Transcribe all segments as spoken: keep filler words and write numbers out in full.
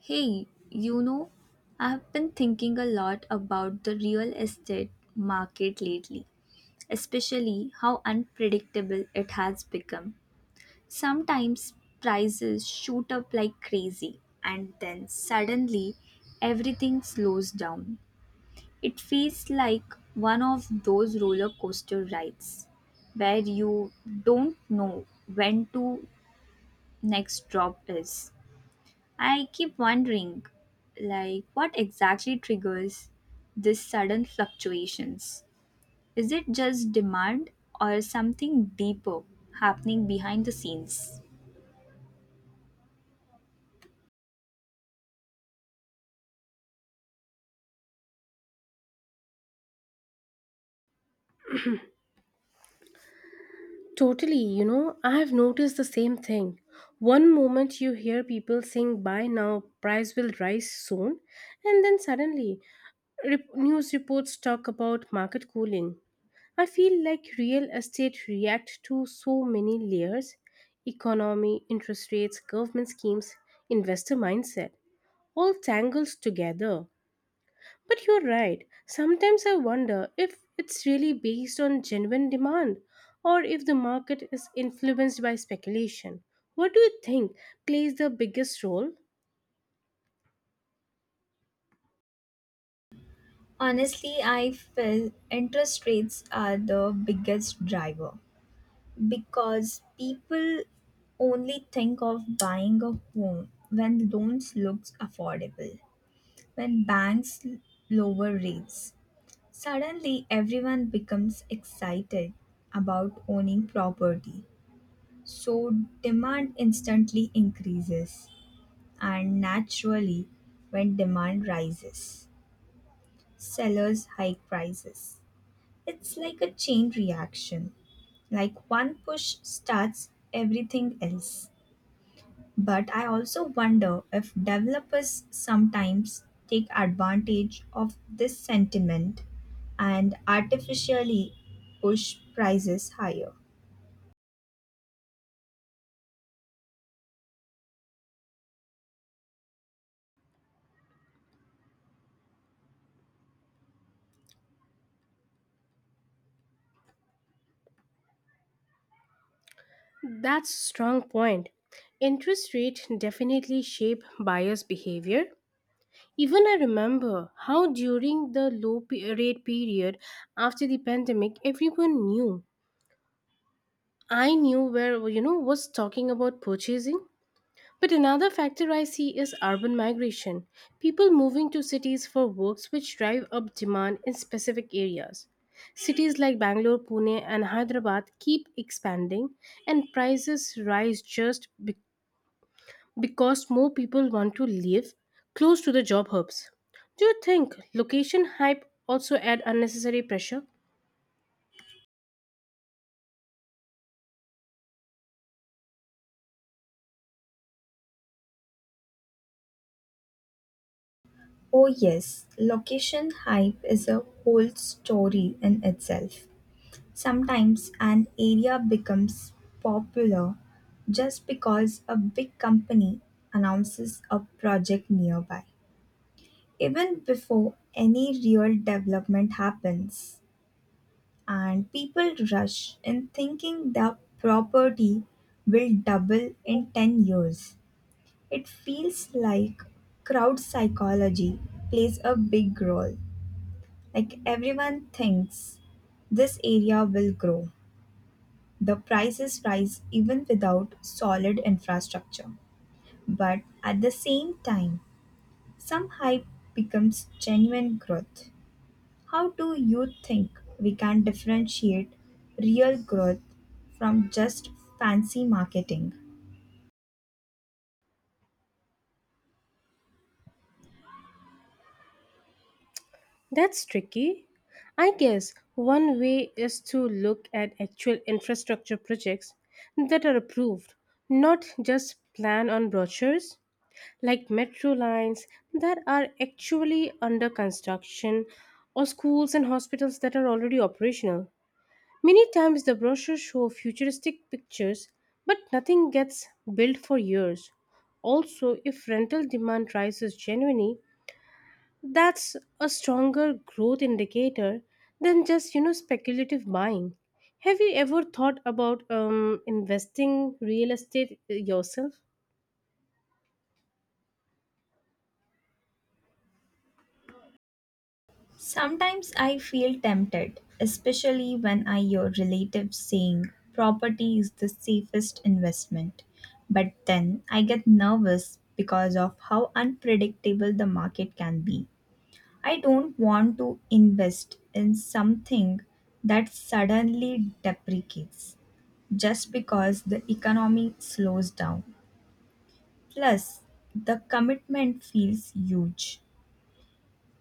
Hey, you know, I've been thinking a lot about the real estate market lately, especially how unpredictable it has become. Sometimes prices shoot up like crazy, and then suddenly everything slows down. It feels like one of those roller coaster rides where you don't know when to next drop is. I keep wondering, like, what exactly triggers these sudden fluctuations? Is it just demand or something deeper happening behind the scenes? Totally, you know, I have noticed the same thing. One moment you hear people saying buy now, price will rise soon, and then suddenly rep- news reports talk about market cooling. I feel like real estate react to so many layers economy, interest rates, government schemes, investor mindset all tangles together. But you're right. Sometimes I wonder if it's really based on genuine demand or if the market is influenced by speculation. What do you think plays the biggest role? Honestly, I feel interest rates are the biggest driver because people only think of buying a home when loans looks affordable, when banks lower rates. Suddenly, everyone becomes excited about owning property. So, demand instantly increases. And naturally, when demand rises, sellers hike prices. It's like a chain reaction, like one push starts everything else. But I also wonder if developers sometimes take advantage of this sentiment and artificially push prices higher. That's a strong point. Interest rate definitely shape buyers' behavior. Even I remember how during the low pe- rate period after the pandemic, everyone knew. I knew where you know was talking about purchasing. But another factor I see is urban migration. People moving to cities for works which drive up demand in specific areas. Cities like Bangalore, Pune, and Hyderabad keep expanding, and prices rise just be- because more people want to live close to the job hubs. Do you think location hype also add unnecessary pressure? Oh, yes, location hype is a whole story in itself. Sometimes an area becomes popular just because a big company announces a project nearby, even before any real development happens. And people rush in thinking the property will double in ten years. It feels like crowd psychology plays a big role. Like everyone thinks this area will grow. The prices rise even without solid infrastructure. But at the same time, some hype becomes genuine growth. How do you think we can differentiate real growth from just fancy marketing? That's tricky. I guess one way is to look at actual infrastructure projects that are approved, not just plan on brochures, like metro lines that are actually under construction or schools and hospitals that are already operational. Many times the brochures show futuristic pictures, but nothing gets built for years. Also, if rental demand rises genuinely, that's a stronger growth indicator than just, you know, speculative buying. Have you ever thought about um, investing real estate yourself? Sometimes I feel tempted, especially when I hear relatives saying property is the safest investment. But then I get nervous because of how unpredictable the market can be. I don't want to invest in something that suddenly depreciates just because the economy slows down. Plus, the commitment feels huge,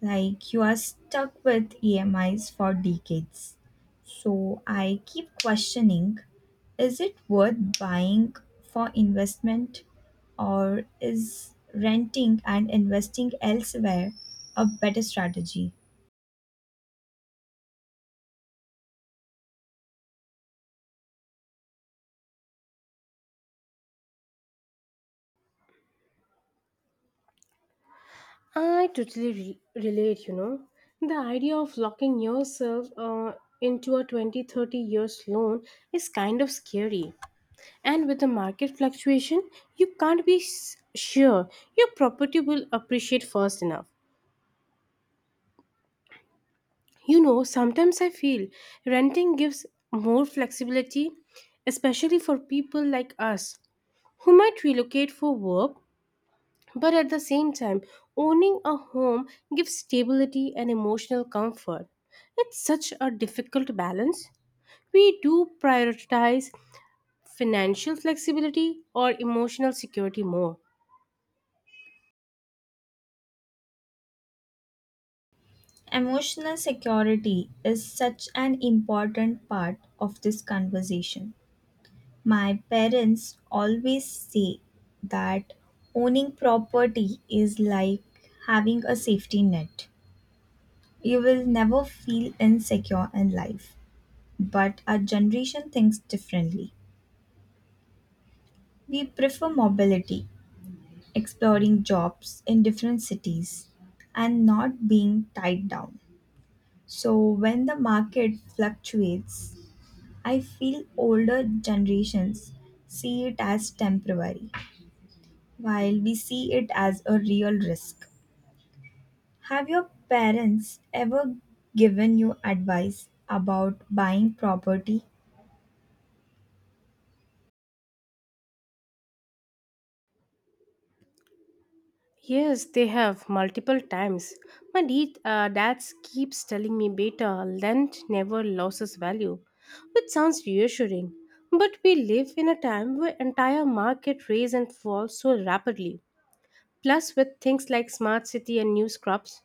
like you are stuck with E M Is for decades. So, I keep questioning, is it worth buying for investment or is renting and investing elsewhere a better strategy? I totally re- relate, you know. The idea of locking yourself uh, into a twenty thirty years loan is kind of scary. And with the market fluctuation, you can't be s- sure your property will appreciate fast enough. You know, sometimes I feel renting gives more flexibility, especially for people like us who might relocate for work, but at the same time, owning a home gives stability and emotional comfort. It's such a difficult balance. We do prioritize financial flexibility or emotional security more. Emotional security is such an important part of this conversation. My parents always say that owning property is like having a safety net. You will never feel insecure in life. But our generation thinks differently. We prefer mobility, exploring jobs in different cities, and not being tied down. So when the market fluctuates, I feel older generations see it as temporary while we see it as a real risk. Have your parents ever given you advice about buying property? Yes, they have multiple times. My de- uh, dad keeps telling me beta lent never loses value, which sounds reassuring. But we live in a time where entire market rise and fall so rapidly. Plus, with things like smart city and new crops,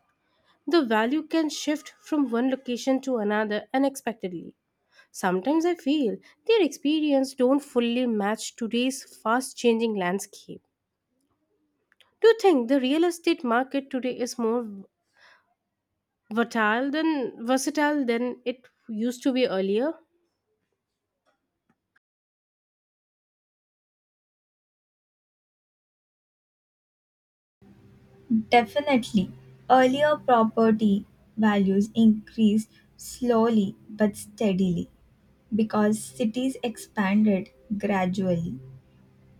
the value can shift from one location to another unexpectedly. Sometimes I feel their experience don't fully match today's fast-changing landscape. Do you think the real estate market today is more Versatile than versatile than it used to be earlier? Definitely. Earlier property values increased slowly but steadily because cities expanded gradually.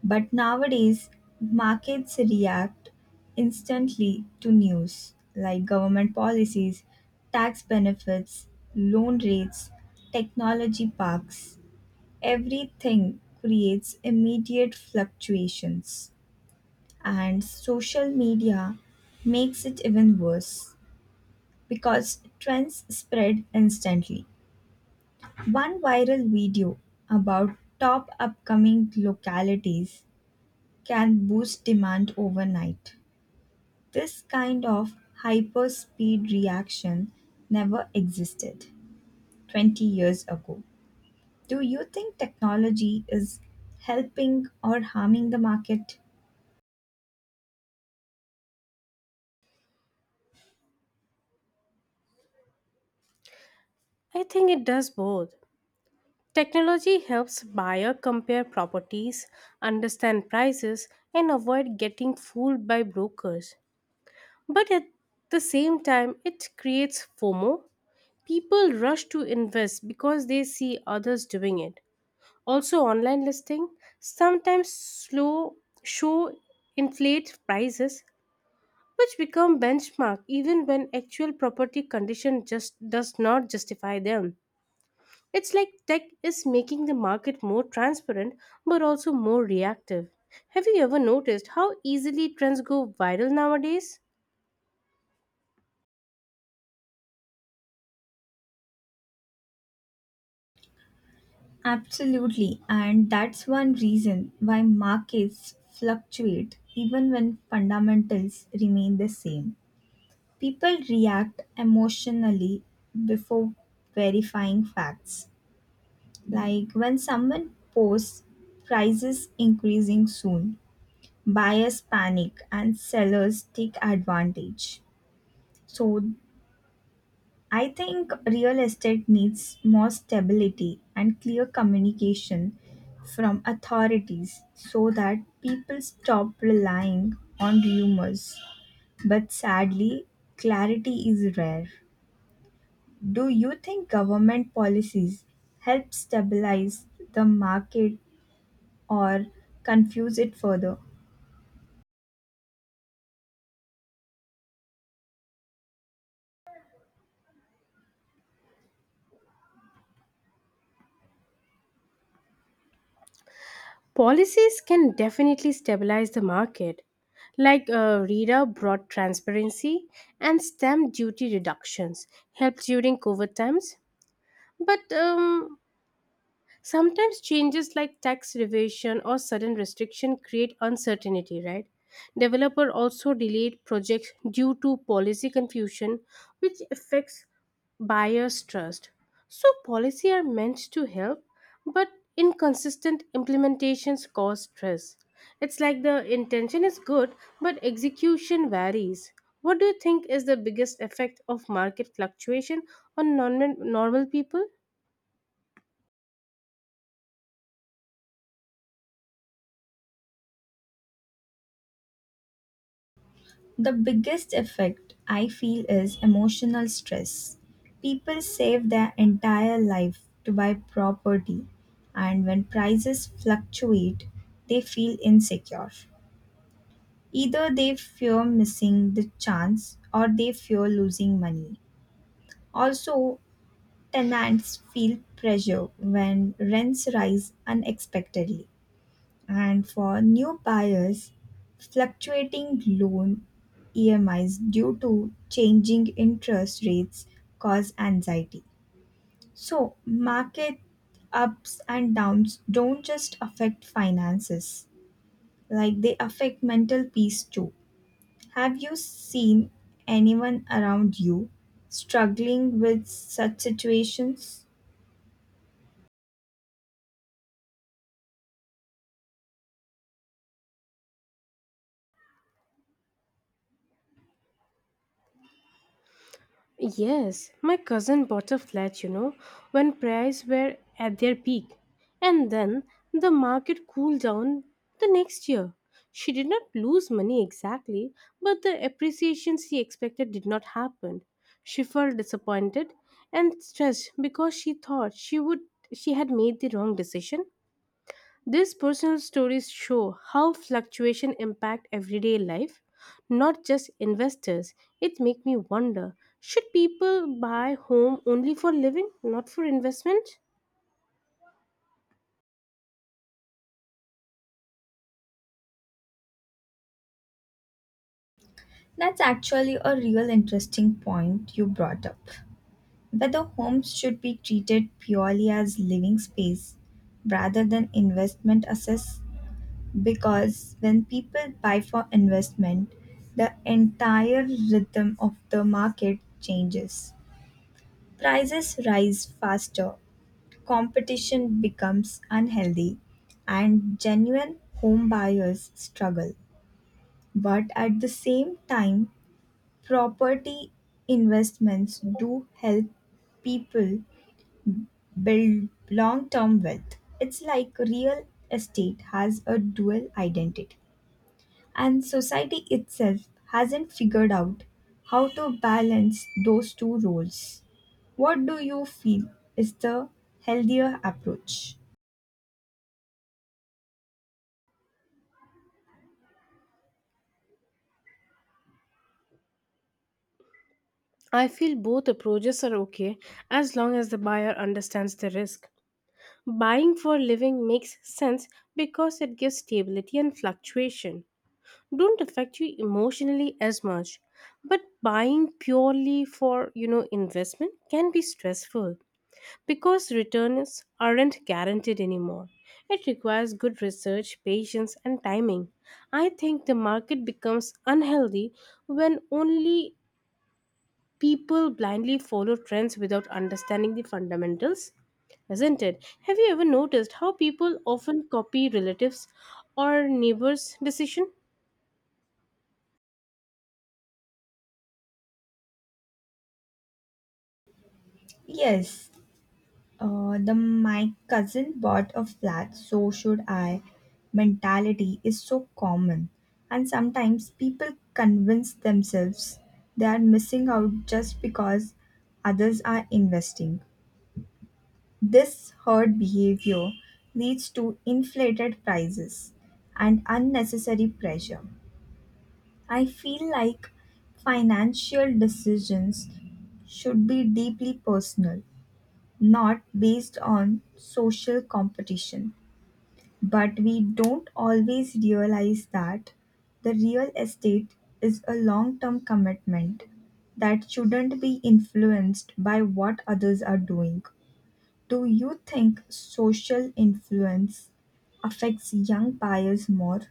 But nowadays, markets react instantly to news like government policies, tax benefits, loan rates, technology parks. Everything creates immediate fluctuations, and social media makes it even worse because trends spread instantly. One viral video about top upcoming localities can boost demand overnight. This kind of hyperspeed reaction never existed twenty years ago. Do you think technology is helping or harming the market? I think it does both. Technology helps buyer compare properties, understand prices, and avoid getting fooled by brokers. But at the same time, it creates FOMO. People rush to invest because they see others doing it. Also, online listing sometimes slow show inflate prices, which become benchmark even when actual property condition just does not justify them. It's like tech is making the market more transparent but also more reactive. Have you ever noticed how easily trends go viral nowadays? Absolutely, and that's one reason why markets fluctuate even when fundamentals remain the same. People react emotionally before verifying facts. Like when someone posts prices increasing soon, buyers panic and sellers take advantage. So I think real estate needs more stability and clear communication from authorities so that people stop relying on rumors. But sadly, clarity is rare. Do you think government policies help stabilize the market or confuse it further? Policies can definitely stabilize the market. Like uh, RERA brought transparency and stamp duty reductions, helped during COVID times. But um, sometimes changes like tax revision or sudden restriction create uncertainty, right? Developer also delayed projects due to policy confusion, which affects buyers' trust. So policy are meant to help, but inconsistent implementations cause stress. It's like the intention is good, but execution varies. What do you think is the biggest effect of market fluctuation on non- normal people? The biggest effect I feel is emotional stress. People save their entire life to buy property, and when prices fluctuate, they feel insecure. Either they fear missing the chance or they fear losing money. Also, tenants feel pressure when rents rise unexpectedly. And for new buyers, fluctuating loan E M Is due to changing interest rates cause anxiety. So, market ups and downs don't just affect finances, like they affect mental peace too. Have you seen anyone around you struggling with such situations? Yes, my cousin bought a flat, you know, when prices were at their peak. And then the market cooled down the next year. She did not lose money exactly, but the appreciation she expected did not happen. She felt disappointed and stressed because she thought she would she had made the wrong decision. These personal stories show how fluctuation impact everyday life, not just investors. It make me wonder, should people buy home only for living, not for investment? That's actually a real interesting point you brought up, whether homes should be treated purely as living space rather than investment assets, because when people buy for investment the entire rhythm of the market changes, prices rise faster, competition becomes unhealthy, and genuine home buyers struggle. But at the same time, property investments do help people build long term wealth. It's like real estate has a dual identity, and society itself hasn't figured out how to balance those two roles. What do you feel is the healthier approach? I feel both approaches are okay as long as the buyer understands the risk. Buying for living makes sense because it gives stability and fluctuation don't affect you emotionally as much, but buying purely for you know investment can be stressful. Because returns aren't guaranteed anymore, it requires good research, patience, and timing. I think the market becomes unhealthy when only people blindly follow trends without understanding the fundamentals, isn't it? Have you ever noticed how people often copy relatives or neighbors' decision? Yes. Uh, the my cousin bought a flat, so should I mentality is so common. And sometimes people convince themselves they are missing out just because others are investing. This herd behavior leads to inflated prices and unnecessary pressure. I feel like financial decisions should be deeply personal, not based on social competition. But we don't always realize that the real estate is a long term commitment that shouldn't be influenced by what others are doing. Do you think social influence affects young buyers more?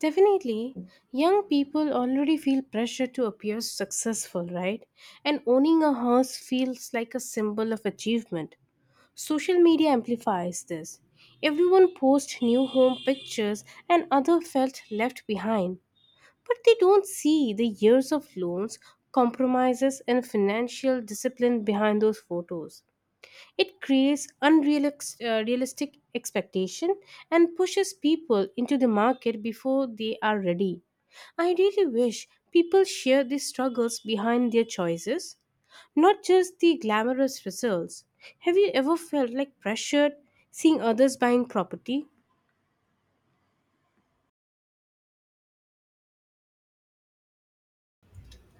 Definitely, young people already feel pressure to appear successful, right? And owning a house feels like a symbol of achievement. Social media amplifies this. Everyone posts new home pictures and others felt left behind. But they don't see the years of loans, compromises, and financial discipline behind those photos. It creates unrealistic realistic expectation and pushes people into the market before they are ready. I really wish people share the struggles behind their choices not just the glamorous results. Have you ever felt like pressured seeing others buying property?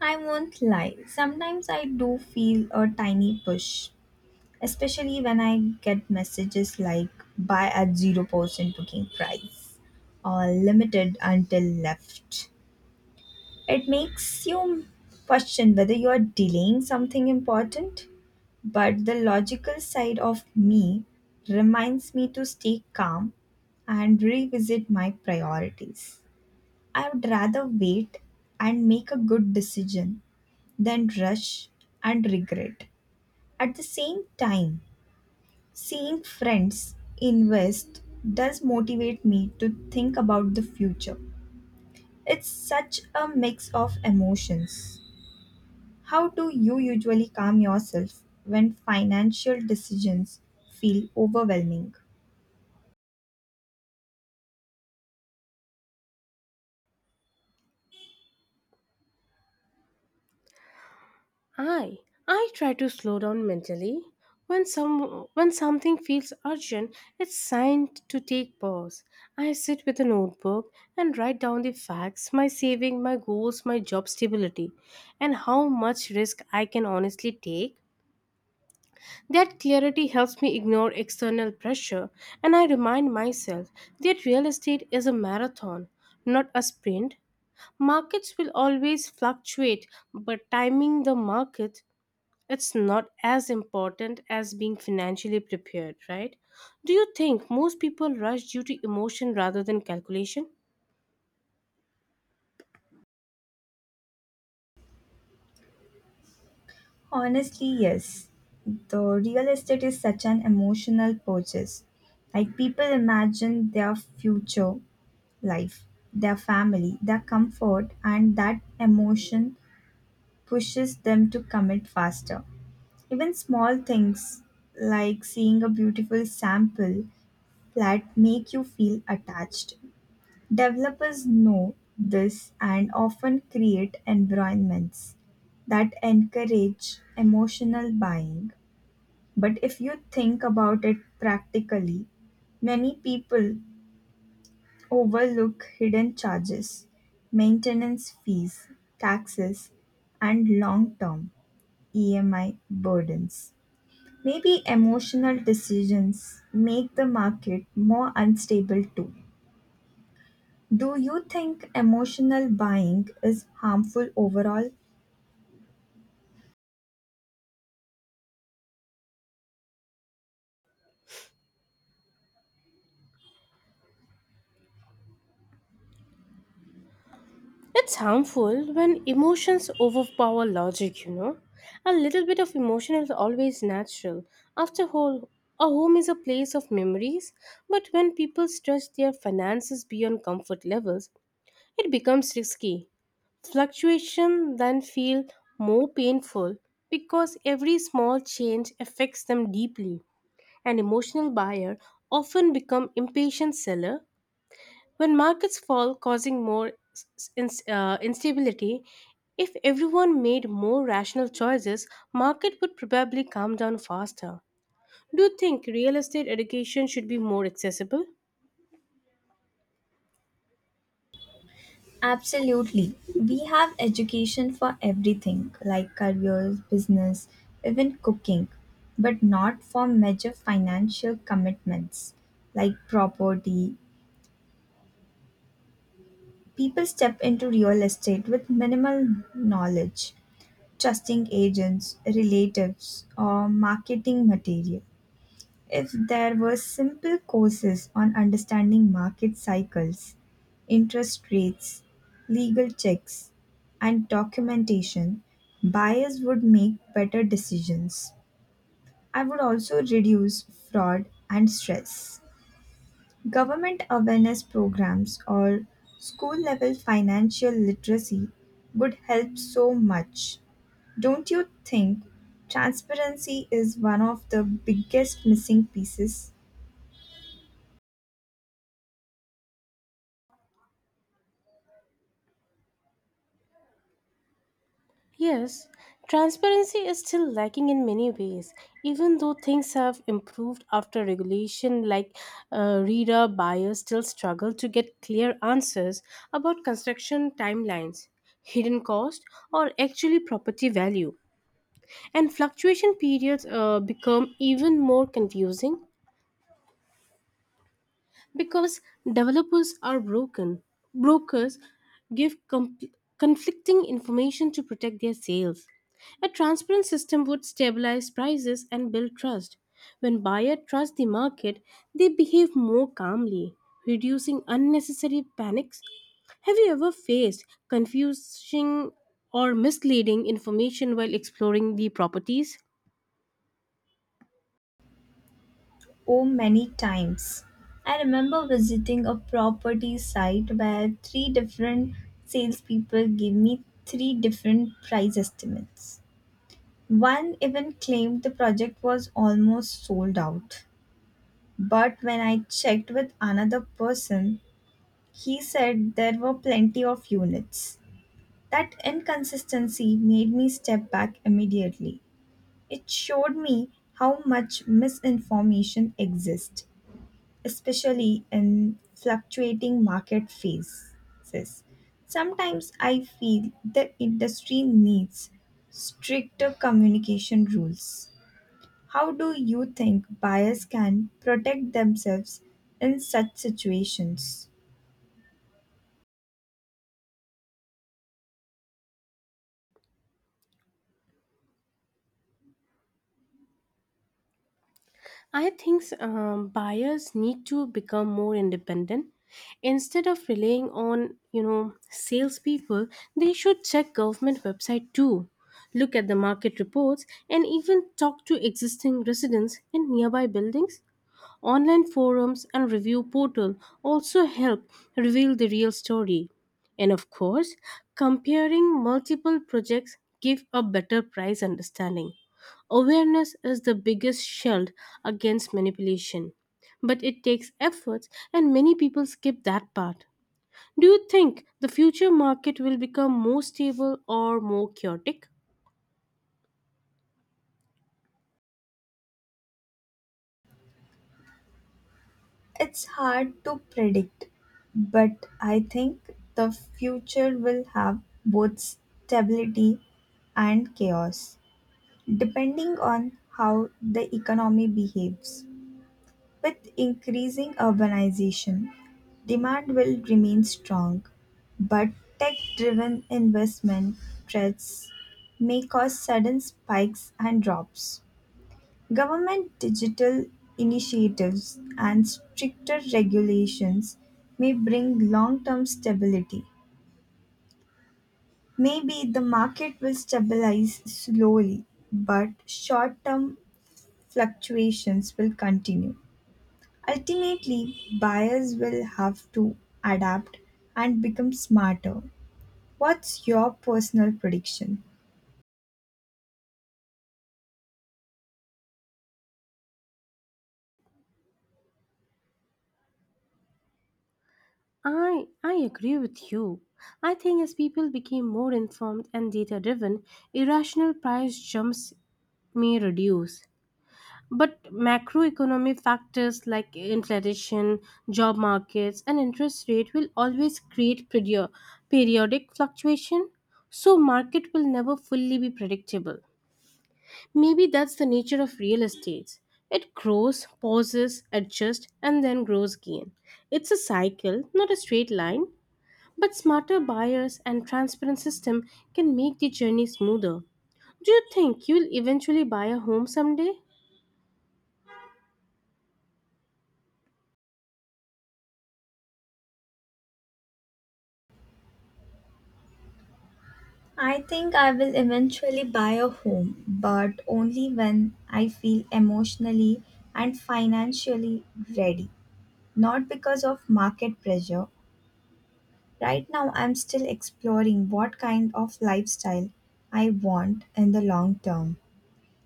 I won't lie, sometimes I do feel a tiny push, especially when I get messages like buy at zero percent booking price or limited until left. It makes you question whether you are delaying something important, but the logical side of me reminds me to stay calm and revisit my priorities. I would rather wait and make a good decision than rush and regret. At the same time, seeing friends invest does motivate me to think about the future. It's such a mix of emotions. How do you usually calm yourself when financial decisions feel overwhelming? I I try to slow down mentally. When some when something feels urgent, it's sign to take pause. I sit with a notebook and write down the facts, my saving, my goals, my job stability, and how much risk I can honestly take. That clarity helps me ignore external pressure, and I remind myself that real estate is a marathon, not a sprint. Markets will always fluctuate, but timing the market it's not as important as being financially prepared, right? Do you think most people rush due to emotion rather than calculation? Honestly, yes. The real estate is such an emotional purchase. Like people imagine their future life, their family, their comfort, and that emotion pushes them to commit faster. Even small things like seeing a beautiful sample that make you feel attached. Developers know this and often create environments that encourage emotional buying. But if you think about it practically, many people overlook hidden charges, maintenance fees, taxes, and long term E M I burdens. Maybe emotional decisions make the market more unstable too. Do you think emotional buying is harmful overall? It's harmful when emotions overpower logic, you know. A little bit of emotion is always natural. After all, a home is a place of memories, but when people stretch their finances beyond comfort levels, it becomes risky. Fluctuation then feel more painful because every small change affects them deeply. An emotional buyer often become impatient seller when markets fall, causing more s- s- ins- uh, instability, if everyone made more rational choices, market would probably calm down faster. Do you think real estate education should be more accessible? Absolutely. We have education for everything, like careers, business, even cooking, but not for major financial commitments like property. People step into real estate with minimal knowledge, trusting agents, relatives, or marketing material. If there were simple courses on understanding market cycles, interest rates, legal checks, and documentation, buyers would make better decisions. I would also reduce fraud and stress. Government awareness programs or school level financial literacy would help so much. Don't you think transparency is one of the biggest missing pieces? Yes, transparency is still lacking in many ways, even though things have improved after regulation, like uh, reader buyers still struggle to get clear answers about construction timelines, hidden cost, or actually property value. And fluctuation periods uh, become even more confusing because developers are broken. Brokers give com- conflicting information to protect their sales. A transparent system would stabilize prices and build trust. When buyers trust the market, they behave more calmly, reducing unnecessary panics. Have you ever faced confusing or misleading information while exploring the properties? Oh, many times. I remember visiting a property site where three different salespeople gave me three different price estimates. One even claimed the project was almost sold out. But when I checked with another person, he said there were plenty of units. That inconsistency made me step back immediately. It showed me how much misinformation exists, especially in fluctuating market phases. Sometimes I feel the industry needs stricter communication rules. How do you think buyers can protect themselves in such situations? I think um, buyers need to become more independent. Instead of relying on you know salespeople, they should check government website too, look at the market reports, and even talk to existing residents in nearby buildings. Online forums and review portal also help reveal the real story. And of course, comparing multiple projects give a better price understanding. Awareness is the biggest shield against manipulation, but it takes efforts and many people skip that part. Do you think the future market will become more stable or more chaotic? It's hard to predict, but I think the future will have both stability and chaos, depending on how the economy behaves. With increasing urbanization, demand will remain strong, but tech-driven investment threats may cause sudden spikes and drops. Government digital initiatives and stricter regulations may bring long-term stability. Maybe the market will stabilize slowly, but short-term fluctuations will continue. Ultimately, buyers will have to adapt and become smarter. What's your personal prediction? I, I agree with you. I think as people became more informed and data driven, irrational price jumps may reduce. But macroeconomic factors like inflation, job markets, and interest rate will always create perio- periodic fluctuation. So market will never fully be predictable. Maybe that's the nature of real estate. It grows, pauses, adjusts, and then grows again. It's a cycle, not a straight line. But smarter buyers and transparent system can make the journey smoother. Do you think you'll eventually buy a home someday? I think I will eventually buy a home, but only when I feel emotionally and financially ready, not because of market pressure. Right now, I'm still exploring what kind of lifestyle I want in the long term.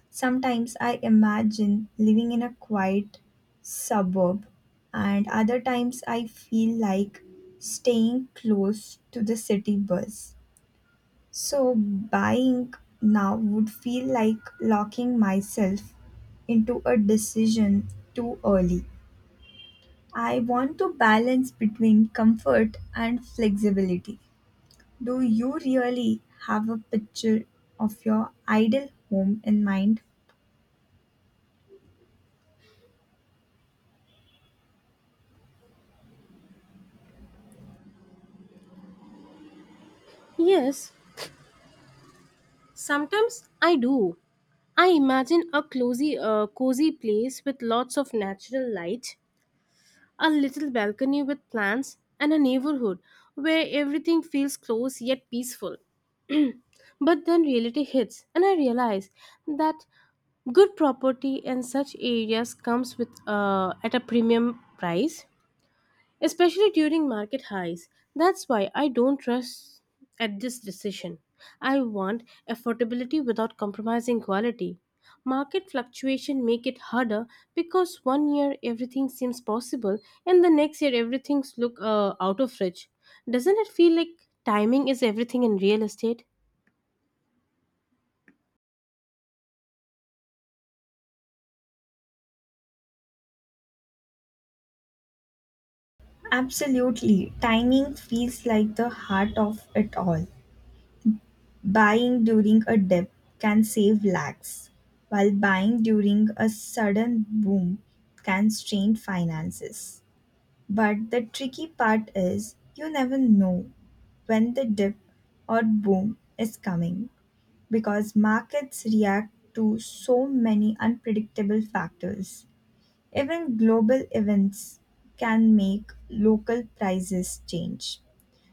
Sometimes I imagine living in a quiet suburb, and other times I feel like staying close to the city buzz. So, buying now would feel like locking myself into a decision too early. I want to balance between comfort and flexibility. Do you really have a picture of your ideal home in mind? Yes, sometimes I do. I imagine a cozy, uh, cozy place with lots of natural light, a little balcony with plants, and a neighborhood where everything feels close yet peaceful. But then reality hits, and I realize that good property in such areas comes with uh, at a premium price especially during market highs. That's why I don't trust at this decision. I want affordability without compromising quality. Market fluctuation make it harder because one year everything seems possible and the next year everything look uh, out of reach. Doesn't it feel like timing is everything in real estate? Absolutely. Timing feels like the heart of it all. Buying during a dip can save lakhs, while buying during a sudden boom can strain finances. But the tricky part is you never know when the dip or boom is coming because markets react to so many unpredictable factors. Even global events can make local prices change.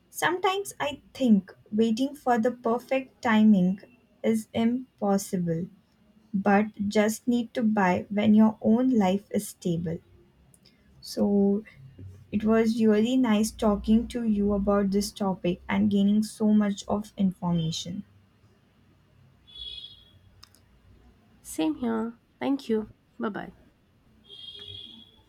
Sometimes I think waiting for the perfect timing is impossible, but just need to buy when your own life is stable. So it was really nice talking to you about this topic and gaining so much of information. Same here. Thank you. Bye bye.